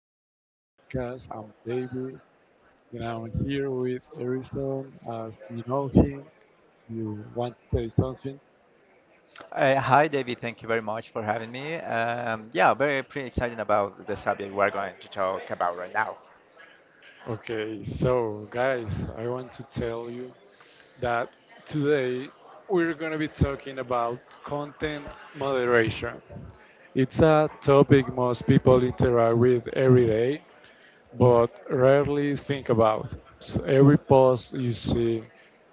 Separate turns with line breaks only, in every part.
beautiful podcast. I'm David and I'm here with Harrison. As you know him, you want to say something?
Hi, David. Thank you very much for having me. Yeah, very pretty excited about the subject we're going to talk about right now.
Okay, so guys, I want to tell you that today we're going to be talking about content moderation. It's a topic most people interact with every day, but rarely think about. So every post you see,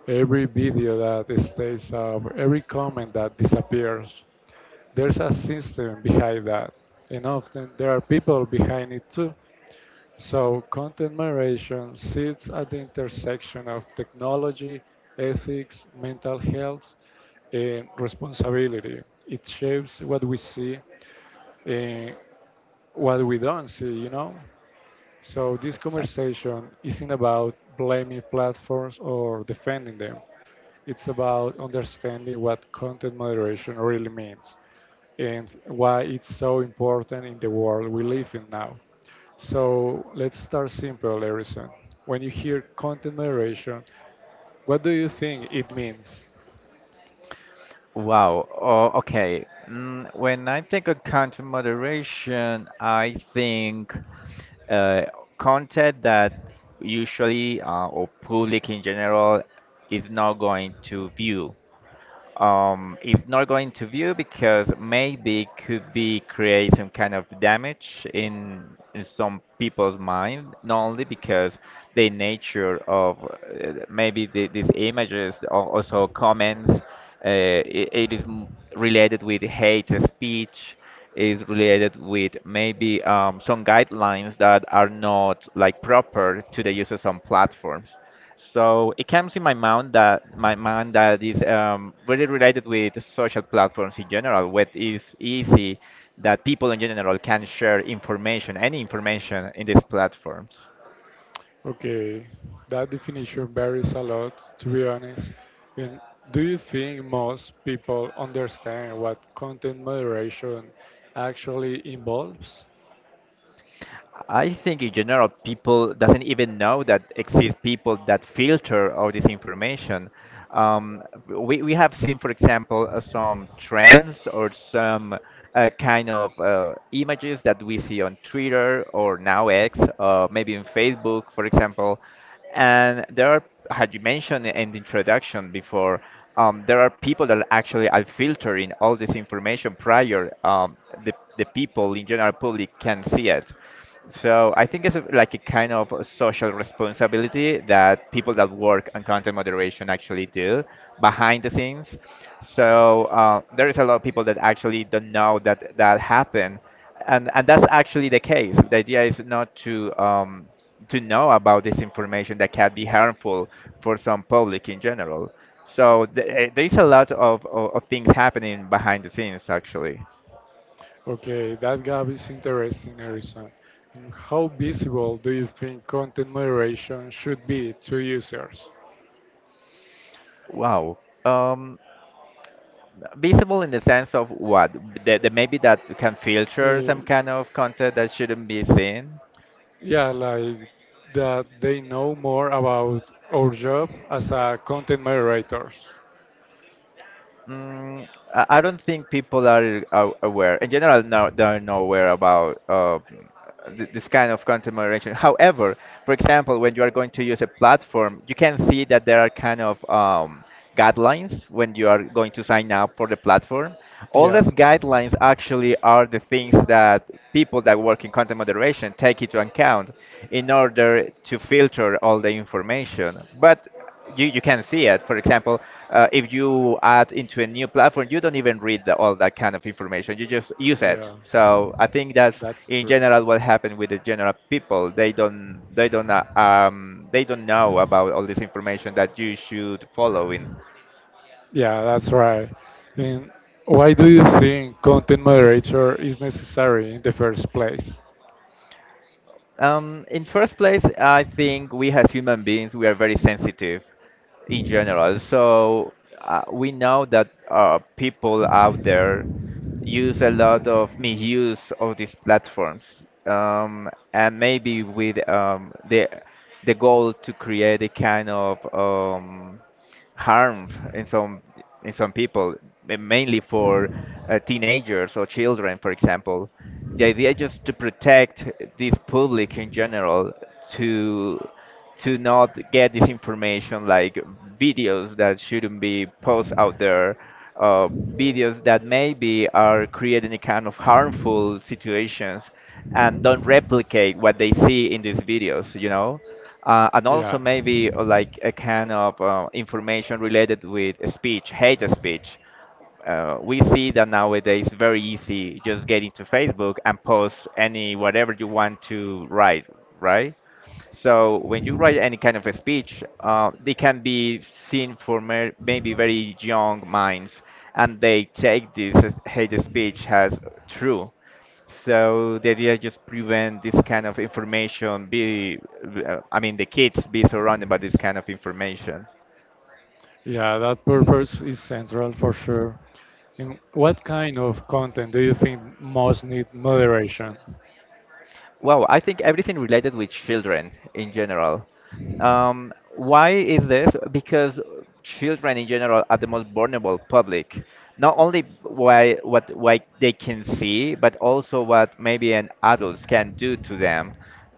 every video that stays up, every comment that disappears, there's a system behind that. And often there are people behind it too. So content moderation sits at the intersection of technology, ethics, mental health, and responsibility. It shapes what we see and what we don't see, you know? So this
Exactly.
conversation isn't about blaming platforms or defending them. It's about understanding what content moderation really means and why it's so important in the world we live in now. So let's start simple, Harrison. When you hear content moderation, what do you think it means?
Wow. Oh, okay. Mm, when I think of content moderation, I think uh, content that usually or public in general is not going to view. Is not going to view because maybe it could be create some kind of damage in some people's mind, not only because the nature of maybe these images or also comments, it is related with hate speech, is related with maybe some guidelines that are not like proper to the users on platforms. So it comes in my mind that is really related with social platforms in general, where it is easy that people in general can share information, any information in these platforms.
Okay, that definition varies a lot, to be honest. And do you think most people understand what content moderation actually involves?
I think in general people doesn't even know that exist people that filter all this information. We have seen, for example, some trends or some kind of images that we see on Twitter or now X, maybe in Facebook, for example. And there are, had you mentioned in the introduction before, there are people that actually are filtering all this information prior the people in general public can see it. So I think it's like a kind of a social responsibility that people that work on content moderation actually do behind the scenes. So there is a lot of people that actually don't know that that happen, and that's actually the case. The idea is not to to know about this information that can be harmful for some public in general. So there is a lot of things happening behind the scenes actually.
Okay, that gap is interesting, Harrison. And how visible do you think content moderation should be to users?
Wow. Um, Visible in the sense of what? That maybe that can filter
Uh,
some kind of content that shouldn't be seen?
yeah, like that they know more about our job as a content moderators.
Mm, I don't think people are aware. In general, no, they're not aware about this kind of content moderation. However, for example, when you are going to use a platform, you can see that there are kind of guidelines when you are going to sign up for the platform. All
Yeah.
those guidelines actually are the things that people that work in content moderation take into account in order to filter all the information. But you can see it. For example, if you add into a new platform, you don't even read all that kind of information. You just use it.
Yeah.
So I think that's
That's
in
true.
general what happened with the general people. They don't know about all this information that you should follow in.
Yeah, that's right. And why do you think content moderator is necessary in the first place?
In first place, I think we as human beings, we are very sensitive in general. So we know that people out there use a lot of misuse of these platforms, and maybe with the goal to create a kind of harm in some in some people, mainly for teenagers or children, for example. The idea just to protect this public in general to not get this information like videos that shouldn't be posted out there uh, videos that maybe are creating a kind of harmful situations and don't replicate what they see in these videos, you know? And also
Yeah.
maybe like a kind of information related with speech, hate speech. We see that nowadays very easy just get into Facebook and post any whatever you want to write, right? So when you write any kind of a speech, they can be seen for maybe very young minds, and they take this hate speech as true. So the idea is just prevent this kind of information. I mean, the kids be surrounded by this kind of information.
Yeah, that purpose is central for sure. And what kind of content do you think most need moderation?
Well, I think everything related with children in general. Why is this? Because children in general are the most vulnerable public. Not only why they can see, but also what maybe an adult can do to them.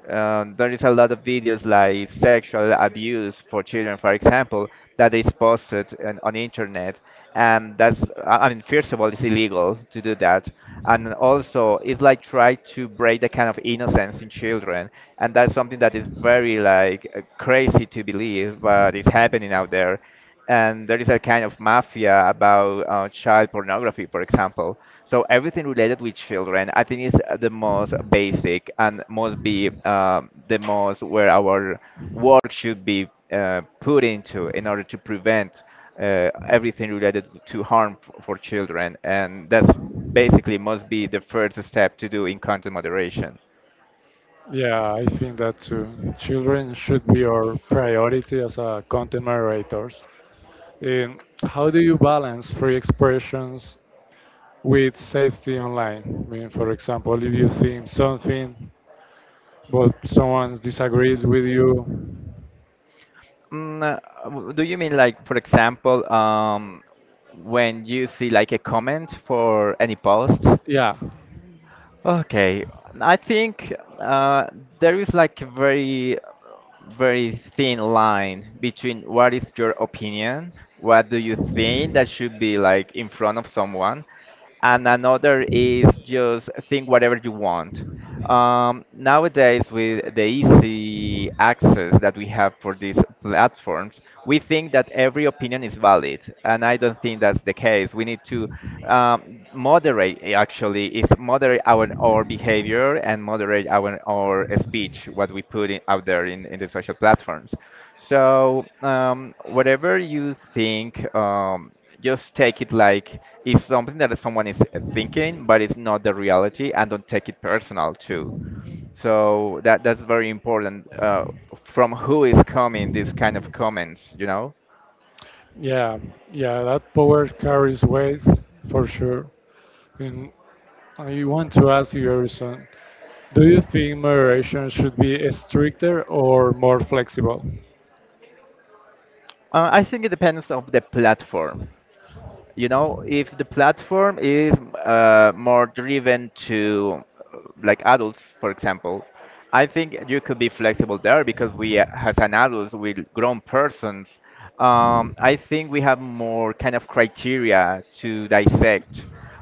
There is a lot of videos like sexual abuse for children, for example, that is posted on internet, and that's I mean, first of all, it's illegal to do that, and also it's like try to break the kind of innocence in children, and that's something that is very like crazy to believe, but it's happening out there and there is a kind of mafia about child pornography, for example. So everything related with children, I think, is the most basic and must be the most where our work should be put into in order to prevent everything related to harm for children, and that's basically must be the first step to do in content moderation.
Yeah, I think that too. Children should be our priority as a content moderators. How do you balance free expressions with safety online? I mean, for example, if you think something, but someone disagrees with you,
Mm, uh, do you mean like, for example, when you see like a comment for any post?
yeah,
Okay, I think uh, there is like a very thin line between what is your opinion, what do you think that should be like in front of someone, and another is just think whatever you want. Nowadays, with the easy access that we have for these platforms, we think that every opinion is valid, and I don't think that's the case. We need to moderate, actually, is moderate our behavior and moderate our speech, what we put in, out there in the social platforms. So, whatever you think. Just take it like it's something that someone is thinking, but it's not the reality, and don't take it personal too. So that's very important. From who is coming these kind of comments, you know?
yeah, yeah, that power carries weight for sure. And I want to ask you, Harrison, do you think moderation should be stricter or more flexible?
I think it depends of the platform. You know, if the platform is more driven to uh, like adults, for example, I think you could be flexible there because we as an adults with grown persons, I think we have more kind of criteria to dissect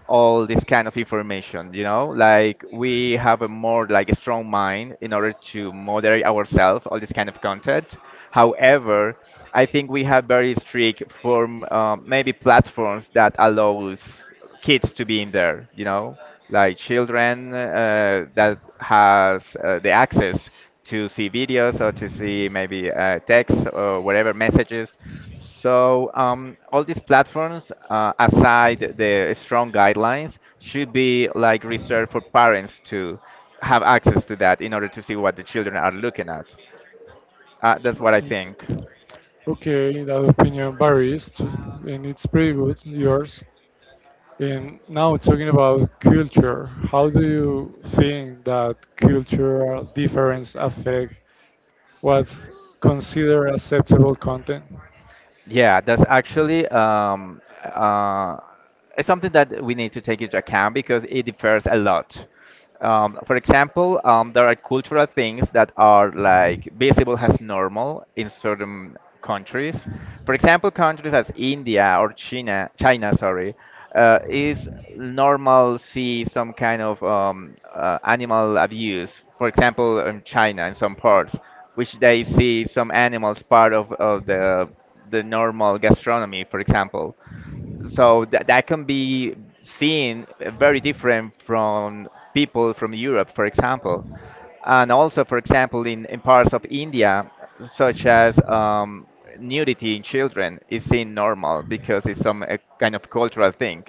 all this kind of information, you know, like we have a more like a strong mind in order to moderate ourselves all this kind of content. However, I think we have very strict form, maybe platforms that allows kids to be in there, you know, like children that has the access to see videos or to see maybe text or whatever messages. So all these platforms, aside the strong guidelines, should be like reserved for parents to have access to that in order to see what the children are looking at. That's what I think.
Okay, that opinion varies, too, and it's pretty good, yours. And now talking about culture, how do you think that cultural difference affect what's considered acceptable content?
Yeah, that's actually it's something that we need to take into account because it differs a lot. For example, there are cultural things that are like visible as normal in certain countries. For example, countries as India or China, sorry, is normal see some kind of animal abuse. For example, in China, in some parts, which they see some animals part of the normal gastronomy, for example, so that can be seen very different from people from Europe, for example, and also, for example, in parts of India, such as nudity in children is seen normal because it's some kind of cultural thing.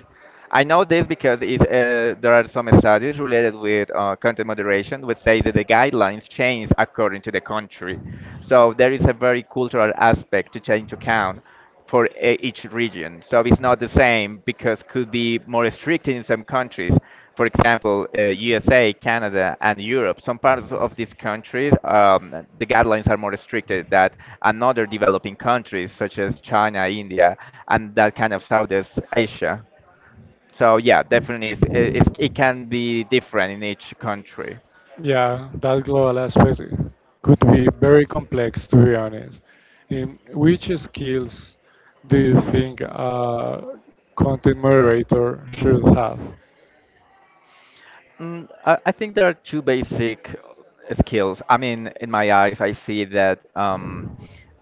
I know this because it's, there are some studies related with content moderation which say that the guidelines change according to the country. So there is a very cultural aspect to take into account for each region. So it's not the same because could be more restricted in some countries. For example, USA, Canada, and Europe. Some parts of these countries, the guidelines are more restricted than another developing countries such as China, India, and that kind of Southeast Asia. So yeah, definitely, it can be different in each country.
Yeah, that global aspect could be very complex to be honest. In which skills do you think a content moderator should have?
Mm, I think there are two basic skills. I mean, in my eyes, I see that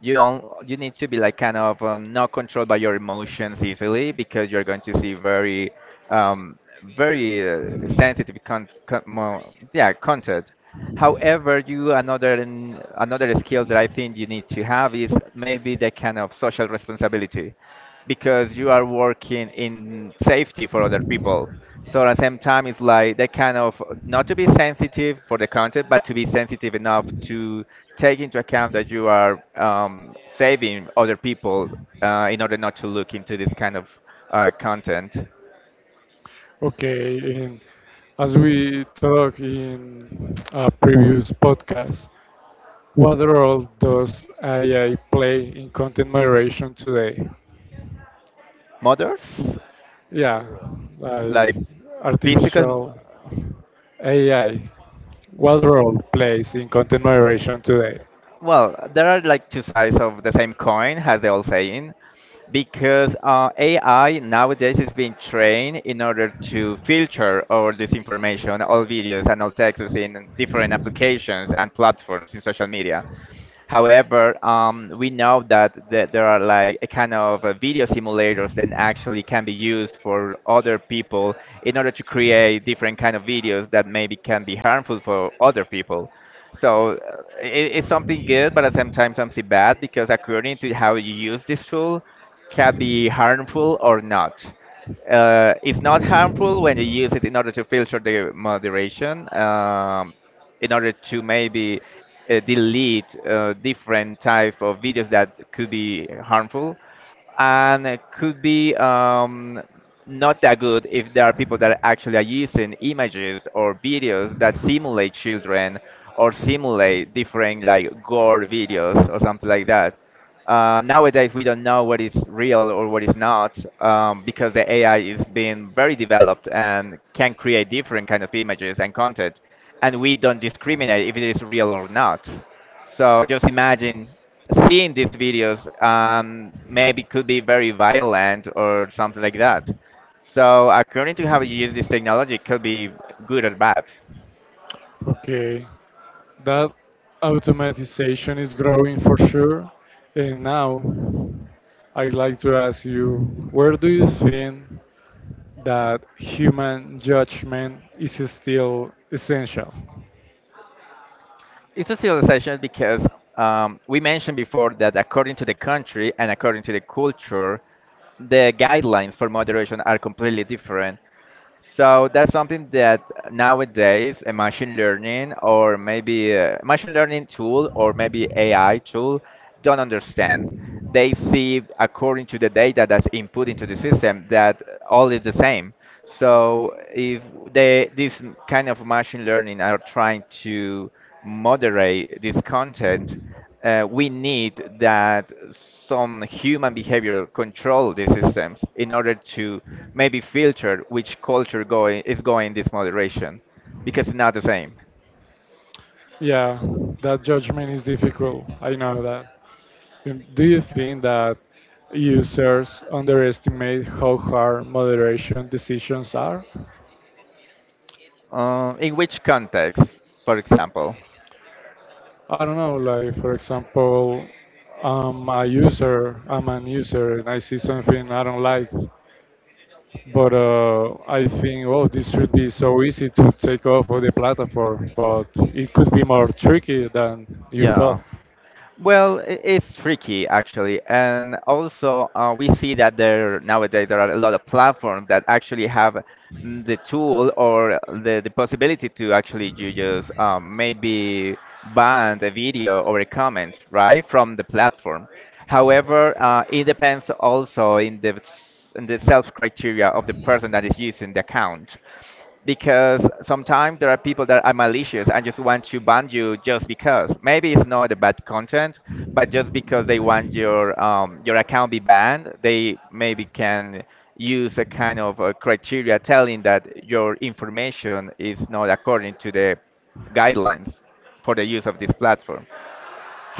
you need to be like kind of not controlled by your emotions easily because you're going to see very um, very sensitive con con mo yeah content. However, you another another skill that I think you need to have is maybe the kind of social responsibility because you are working in safety for other people, so at the same time, it's like that kind of not to be sensitive for the content, but to be sensitive enough to take into account that you are saving other people in order not to look into this kind of content.
Okay, in, as we talked in a previous podcast, what role does AI play in content moderation today?
Mothers,
Yeah, like
like physical.
artificial AI. What role plays in content moderation today?
Well, there are like two sides of the same coin, as they all saying, because AI nowadays is being trained in order to filter all this information, all videos and all texts in different applications and platforms in social media. However, we know that there are like a kind of video simulators that actually can be used for other people in order to create different kind of videos that maybe can be harmful for other people. So it's something good, but at the same time something bad because according to how you use this tool, can be harmful or not. It's not harmful when you use it in order to filter the moderation. In order to maybe delete different type of videos that could be harmful, and it could be not that good if there are people that actually are using images or videos that simulate children or simulate different like gore videos or something like that. Nowadays, we don't know what is real or what is not because the AI is being very developed and can create different kind of images and content, and we don't discriminate if it is real or not. So just imagine seeing these videos, maybe could be very violent or something like that. So according to how you use this technology, it could be good or bad.
Okay, that automatization is growing for sure. And now I'd like to ask you where do you think that human judgment is still essential?
It's a civilization because we mentioned before that according to the country and according to the culture, the guidelines for moderation are completely different. So that's something that nowadays a machine learning or maybe a machine learning tool or maybe AI tool don't understand. They see according to the data that's input into the system that all is the same. So if they this kind of machine learning are trying to moderate this content, we need that some human behavior control these systems in order to maybe filter which culture going is going this moderation because it's not the same.
Yeah, that judgment is difficult. I know that. Do you think that users underestimate how hard moderation decisions are?
In which context, for example?
I don't know, like for example, I'm a user, I'm an user, and I see something I don't like, but I think, oh, this should be so easy to take off of the platform, but it could be more tricky than you thought.
Yeah. Well, it's tricky actually, and also we see that there nowadays there are a lot of platforms that actually have mm, the tool or the possibility to actually you just maybe ban a video or a comment right from the platform. However, it depends also in the in the self criteria of the person that is using the account because sometimes there are people that are malicious and just want to ban you just because. Maybe it's not a bad content, but just because they want your account be banned, they maybe can use a kind of a criteria telling that your information is not according to the guidelines for the use of this platform.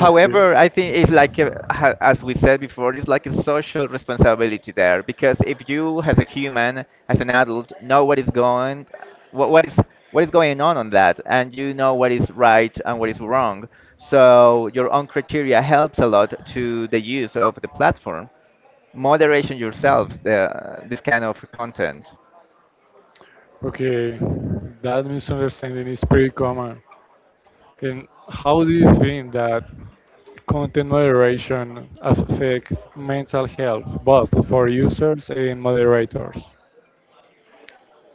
Okay.
I think it's like, as we said before, it's like a social responsibility there because if you, as a human, as an adult, know what is going, what is what is going on that, and you know what is right and what is wrong, so your own criteria helps a lot to the use of the platform. Moderation yourself, this kind of content.
Okay, that misunderstanding is pretty common. And how do you think that content moderation affect mental health, both for users and moderators.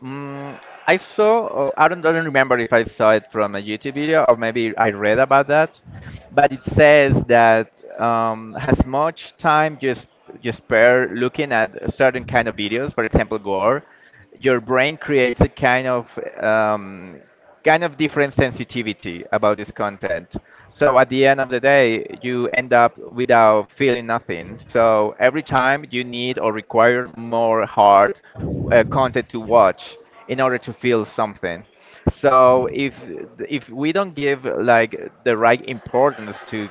Mm, I saw, oh, I don't remember if I saw it from a YouTube video or maybe I read about that, but it says that as much time you spare looking at a certain kind of videos, for example, gore, your brain creates a um, kind of different sensitivity about this content. So at the end of the day, you end up without feeling nothing. So every time you need or require more hard content to watch in order to feel something. So if we don't give like the right importance to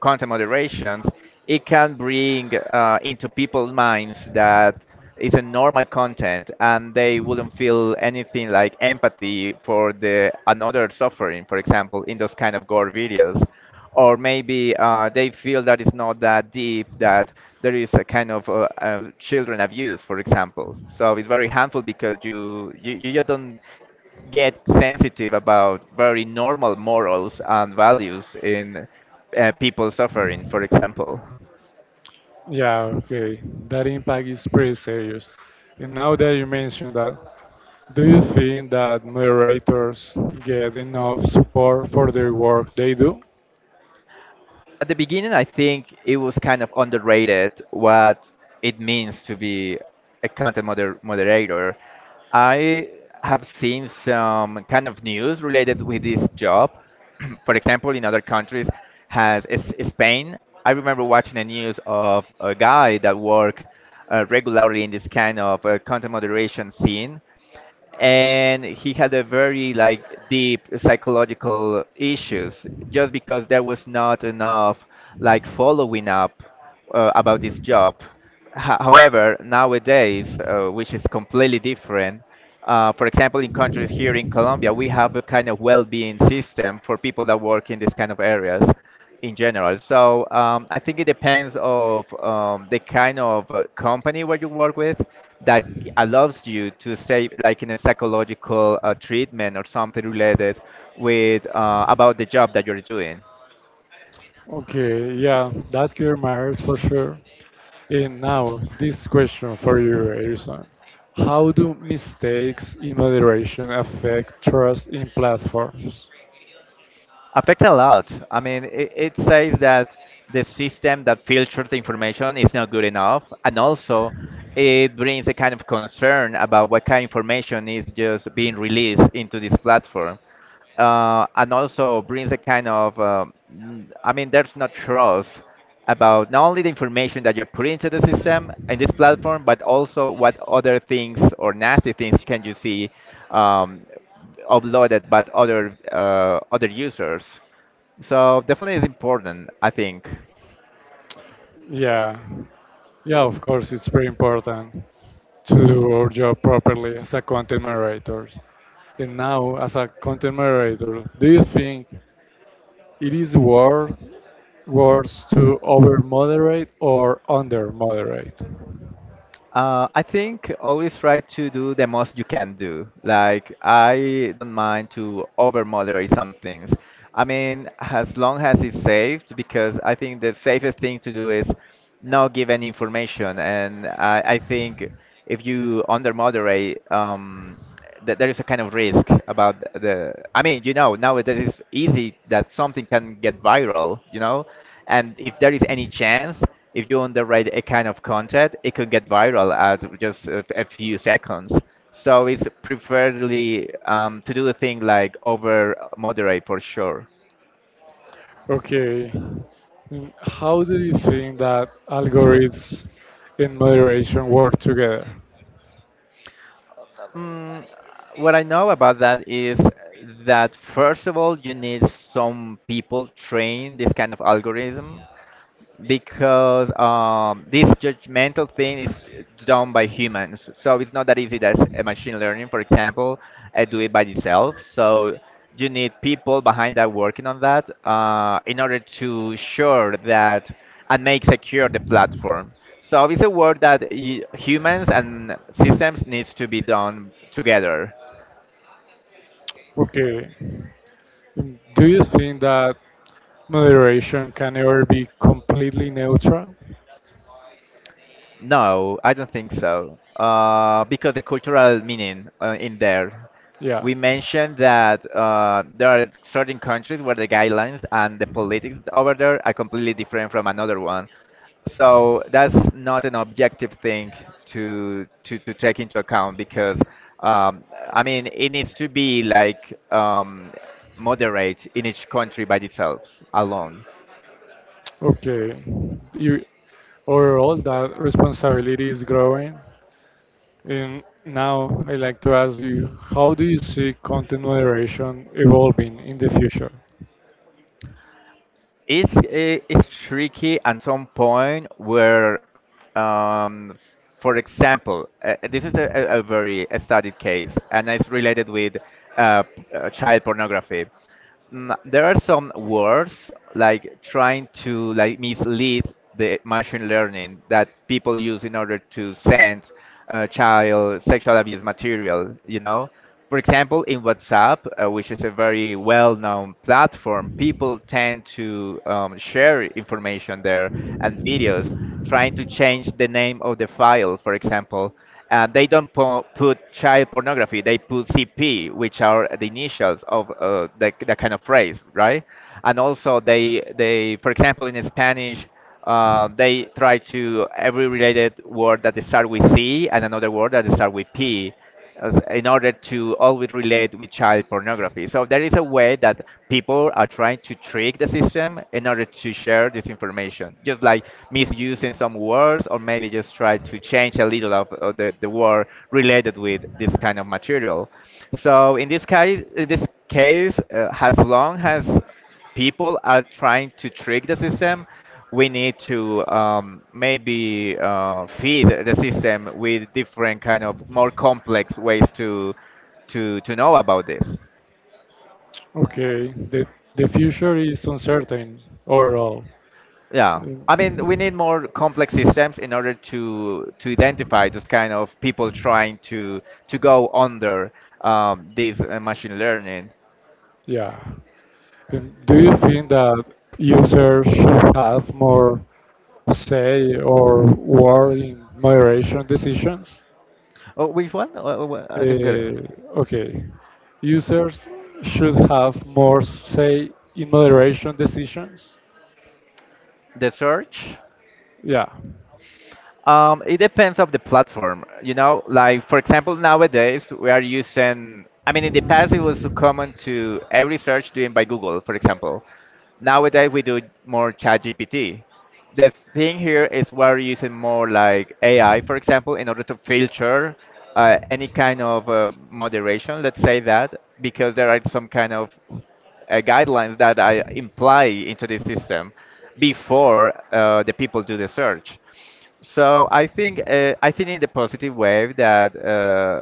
content moderations, it can bring into people's minds that it's a normal content and they wouldn't feel anything like empathy for the another suffering, for example, in those kind of gore videos. Or maybe they feel that it's not that deep, that there is a kind of children abuse, for example. So it's very harmful because you just don't get sensitive about very normal morals and values in people suffering, for example.
Yeah, okay. That impact is pretty serious. And now that you mentioned that, do you think that moderators get enough support for their work they do?
At the beginning, I think it was kind of underrated what it means to be a content moderator. I have seen some kind of news related with this job. For example, in other countries, has is Spain. I remember watching the news of a guy that worked regularly in this kind of content moderation scene, and he had a very like deep psychological issues just because there was not enough like following up about this job. However, nowadays, which is completely different, for example, in countries here in Colombia, we have a kind of well-being system for people that work in these kind of areas in general. So I think it depends of the kind of company where you work with that allows you to stay like in a psychological treatment or something related with about the job that you're doing.
Okay, yeah, that clear matters for sure. And now, this question for you, Erison. How do mistakes in moderation affect trust in platforms?
Affect a lot. I mean, it says that the system that filters the information is not good enough, and also it brings a kind of concern about what kind of information is just being released into this platform. And also brings a kind of I mean there's no trust about not only the information that you are putting into the system in this platform but also what other things or nasty things can you see um, uploaded by other other users, so definitely is important I think.
Yeah, yeah, of course, it's very important to do our job properly as a content moderators. And now, as a content moderator, do you think it is worth words to over moderate or under moderate?
I think always try to do the most you can do. Like, I don't mind to over moderate some things. I mean, as long as it's saved, because I think the safest thing to do is not give any information. And I think if you under moderate, that there is a kind of risk about the. I mean, you know, now it is easy that something can get viral, you know, and if there is any chance if you underrate a kind of content, it could get viral at just a few seconds. So it's preferably to do the thing like over moderate for sure.
Okay, mm, how do you think that algorithms and moderation work together?
Mm, what I know about that is that first of all, you need some people train this kind of algorithm because this judgmental thing is done by humans. So it's not that easy as a machine learning, for example, do it by itself. So you need people behind that working on that in order to sure that and make secure the platform. So it's a work that humans and systems needs to be done together.
Okay, mm, do you think that moderation can ever be completely neutral?
No, I don't think so. Because the cultural meaning in there,
Yeah.
we mentioned that there are certain countries where the guidelines and the politics over there are completely different from another one. So that's not an objective thing to to take into account because um, I mean it needs to be like moderate in each country by itself alone.
Okay. You overall that responsibility is growing. And now I'd like to ask you, how do you see content moderation evolving in the future?
It's it's tricky at some point where, um, for example, this is a very studied case, and it's related with child pornography. Mm, there are some words like trying to like mislead the machine learning that people use in order to send child sexual abuse material, you know, for example in WhatsApp, which is a very well-known platform people tend to share information there and videos, trying to change the name of the file, for example they don't po- put child pornography. They put CP, which are the initials of the kind of phrase, right? And also, they, for example, in Spanish, they try to every related word that start with C and another word that start with P in order to always relate with child pornography. So there is a way that people are trying to trick the system in order to share this information, just like misusing some words or maybe just try to change a little of, the word related with this kind of material. So in this case, as long as people are trying to trick the system, we need to maybe feed the system with different kind of more complex ways to to know about this.
Okay, the future is uncertain overall.
Yeah, I mean we
Um,
need more complex systems in order to identify those kind of people trying to go under this machine learning.
Yeah. And do you think that users should have more say or word in moderation decisions?
Oh, which one? I don't get it.
Uh, okay. Users should have more say in moderation decisions.
The search.
Yeah.
It depends of the platform, you know. Like for example, nowadays we are using. I mean, in the past it was so common to every search doing by Google, for example. Nowadays we do more ChatGPT. The thing here is we're using more like AI, for example, in order to filter any kind of moderation, let's say that, because there are some kind of guidelines that I imply into the system before the people do the search. So I think in the positive way that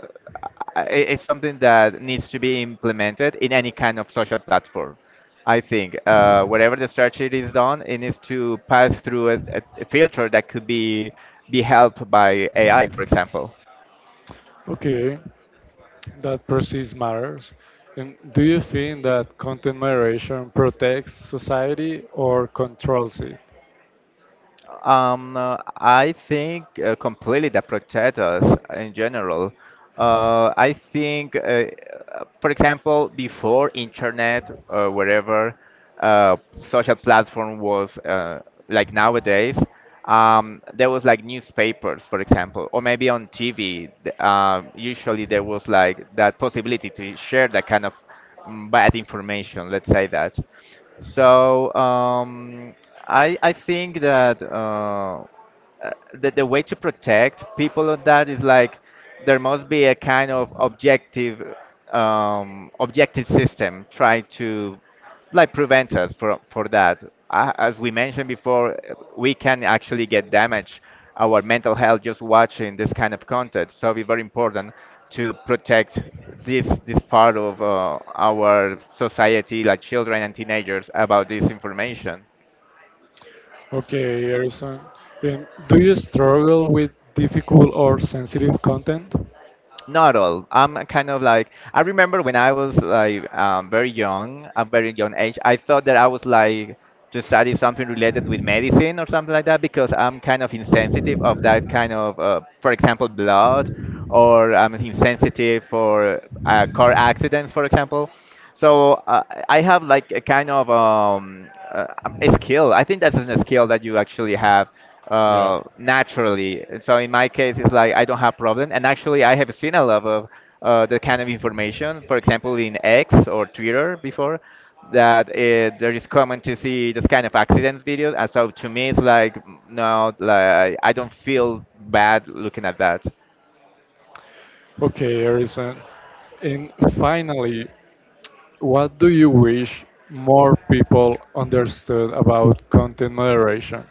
I- it's something that needs to be implemented in any kind of social platform. I think wherever the search it is done, it needs to pass through a filter that could be helped by AI, for example.
Okay. That perceives matters. And do you think that content moderation protects society or controls it?
I think completely that protect us in general. Uh, I think, uh, uh, for example, before internet, wherever social platform was like nowadays, there was like newspapers, for example, or maybe on TV. Usually there was like that possibility to share that kind of bad information, let's say that. So I think that. The way to protect people on that is like there must be a kind of objective objective system trying to like prevent us for that. As we mentioned before, we can actually get damage our mental health just watching this kind of content. So it's very important to protect this part of our society, like children and teenagers, about this information.
Okay, Harrison. And do you struggle with difficult or sensitive content?
Not all. I'm kind of like I remember when I was like very young, a very young age. I thought that I was like to study something related with medicine or something like that because I'm kind of insensitive of that kind of, for example, blood, or I'm insensitive for car accidents, for example. So I have like a kind of a skill. I think that's a skill that you actually have
Yeah.
naturally. So in my case, it's like I don't have problem. And actually, I have seen a lot of the kind of information, for example, in X or Twitter before, that there is common to see this kind of accidents videos. And so to me, it's like no, like I don't feel bad looking at that.
Okay, Harrison. And finally, what do you wish more people understood about content moderation?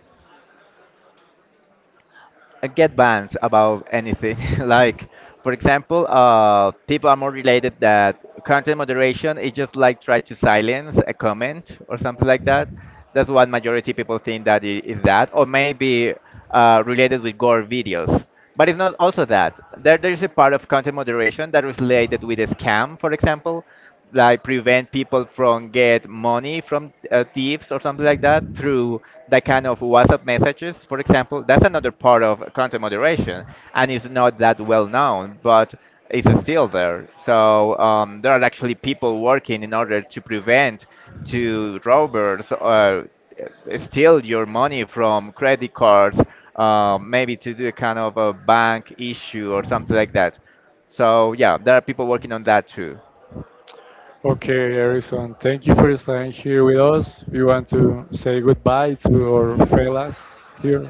Get banned about anything. Like, for example, people are more related that content moderation is just like try to silence a comment or something like that. That's what majority people think that is that, or maybe related with gore videos. But it's not also that. There's a part of content moderation that is related with a scam, for example, like prevent people from get money from thieves or something like that through that kind of WhatsApp messages, for example. That's another part of content moderation, and it's not that well known, but it's still there. So there are actually people working in order to prevent to robbers steal your money from credit cards, maybe to do a kind of a bank issue or something like that. So yeah, there are people working on that too.
Okay, Harrison, thank you for staying here with us. We want to say goodbye to our fellas here.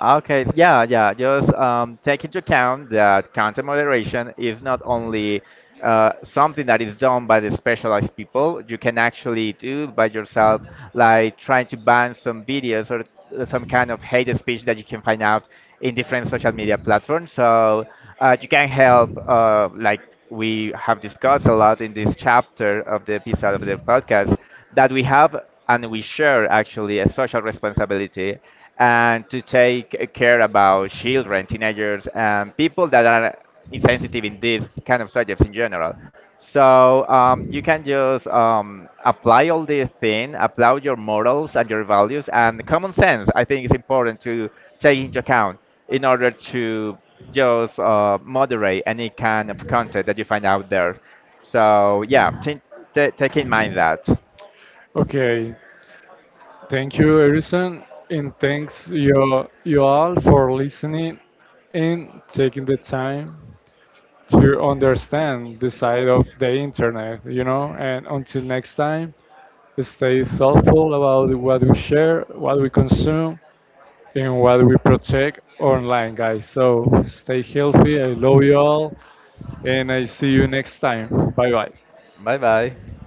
Okay, yeah, yeah. Just take into account that content moderation is not only something that is done by the specialized people. You can actually do by yourself, like trying to ban some videos or some kind of hate speech that you can find out in different social media platforms. So you can help, like we have discussed a lot in this chapter of the episode of the podcast, that we have and we share actually a social responsibility and to take care about children, teenagers, and people that are insensitive in these kind of subjects in general. So you can just apply all these things, apply your morals and your values and common sense. I think it's important to take into account in order to just moderate any kind of content that you find out there. So yeah, take in mind that.
Okay, thank you, Harrison, and thanks you, you all for listening and taking the time to understand the side of the internet, you know. And until next time, stay thoughtful about what we share, what we consume, and what we protect online, guys. So stay healthy. I love you all. And I see you next time. Bye bye.
Bye bye.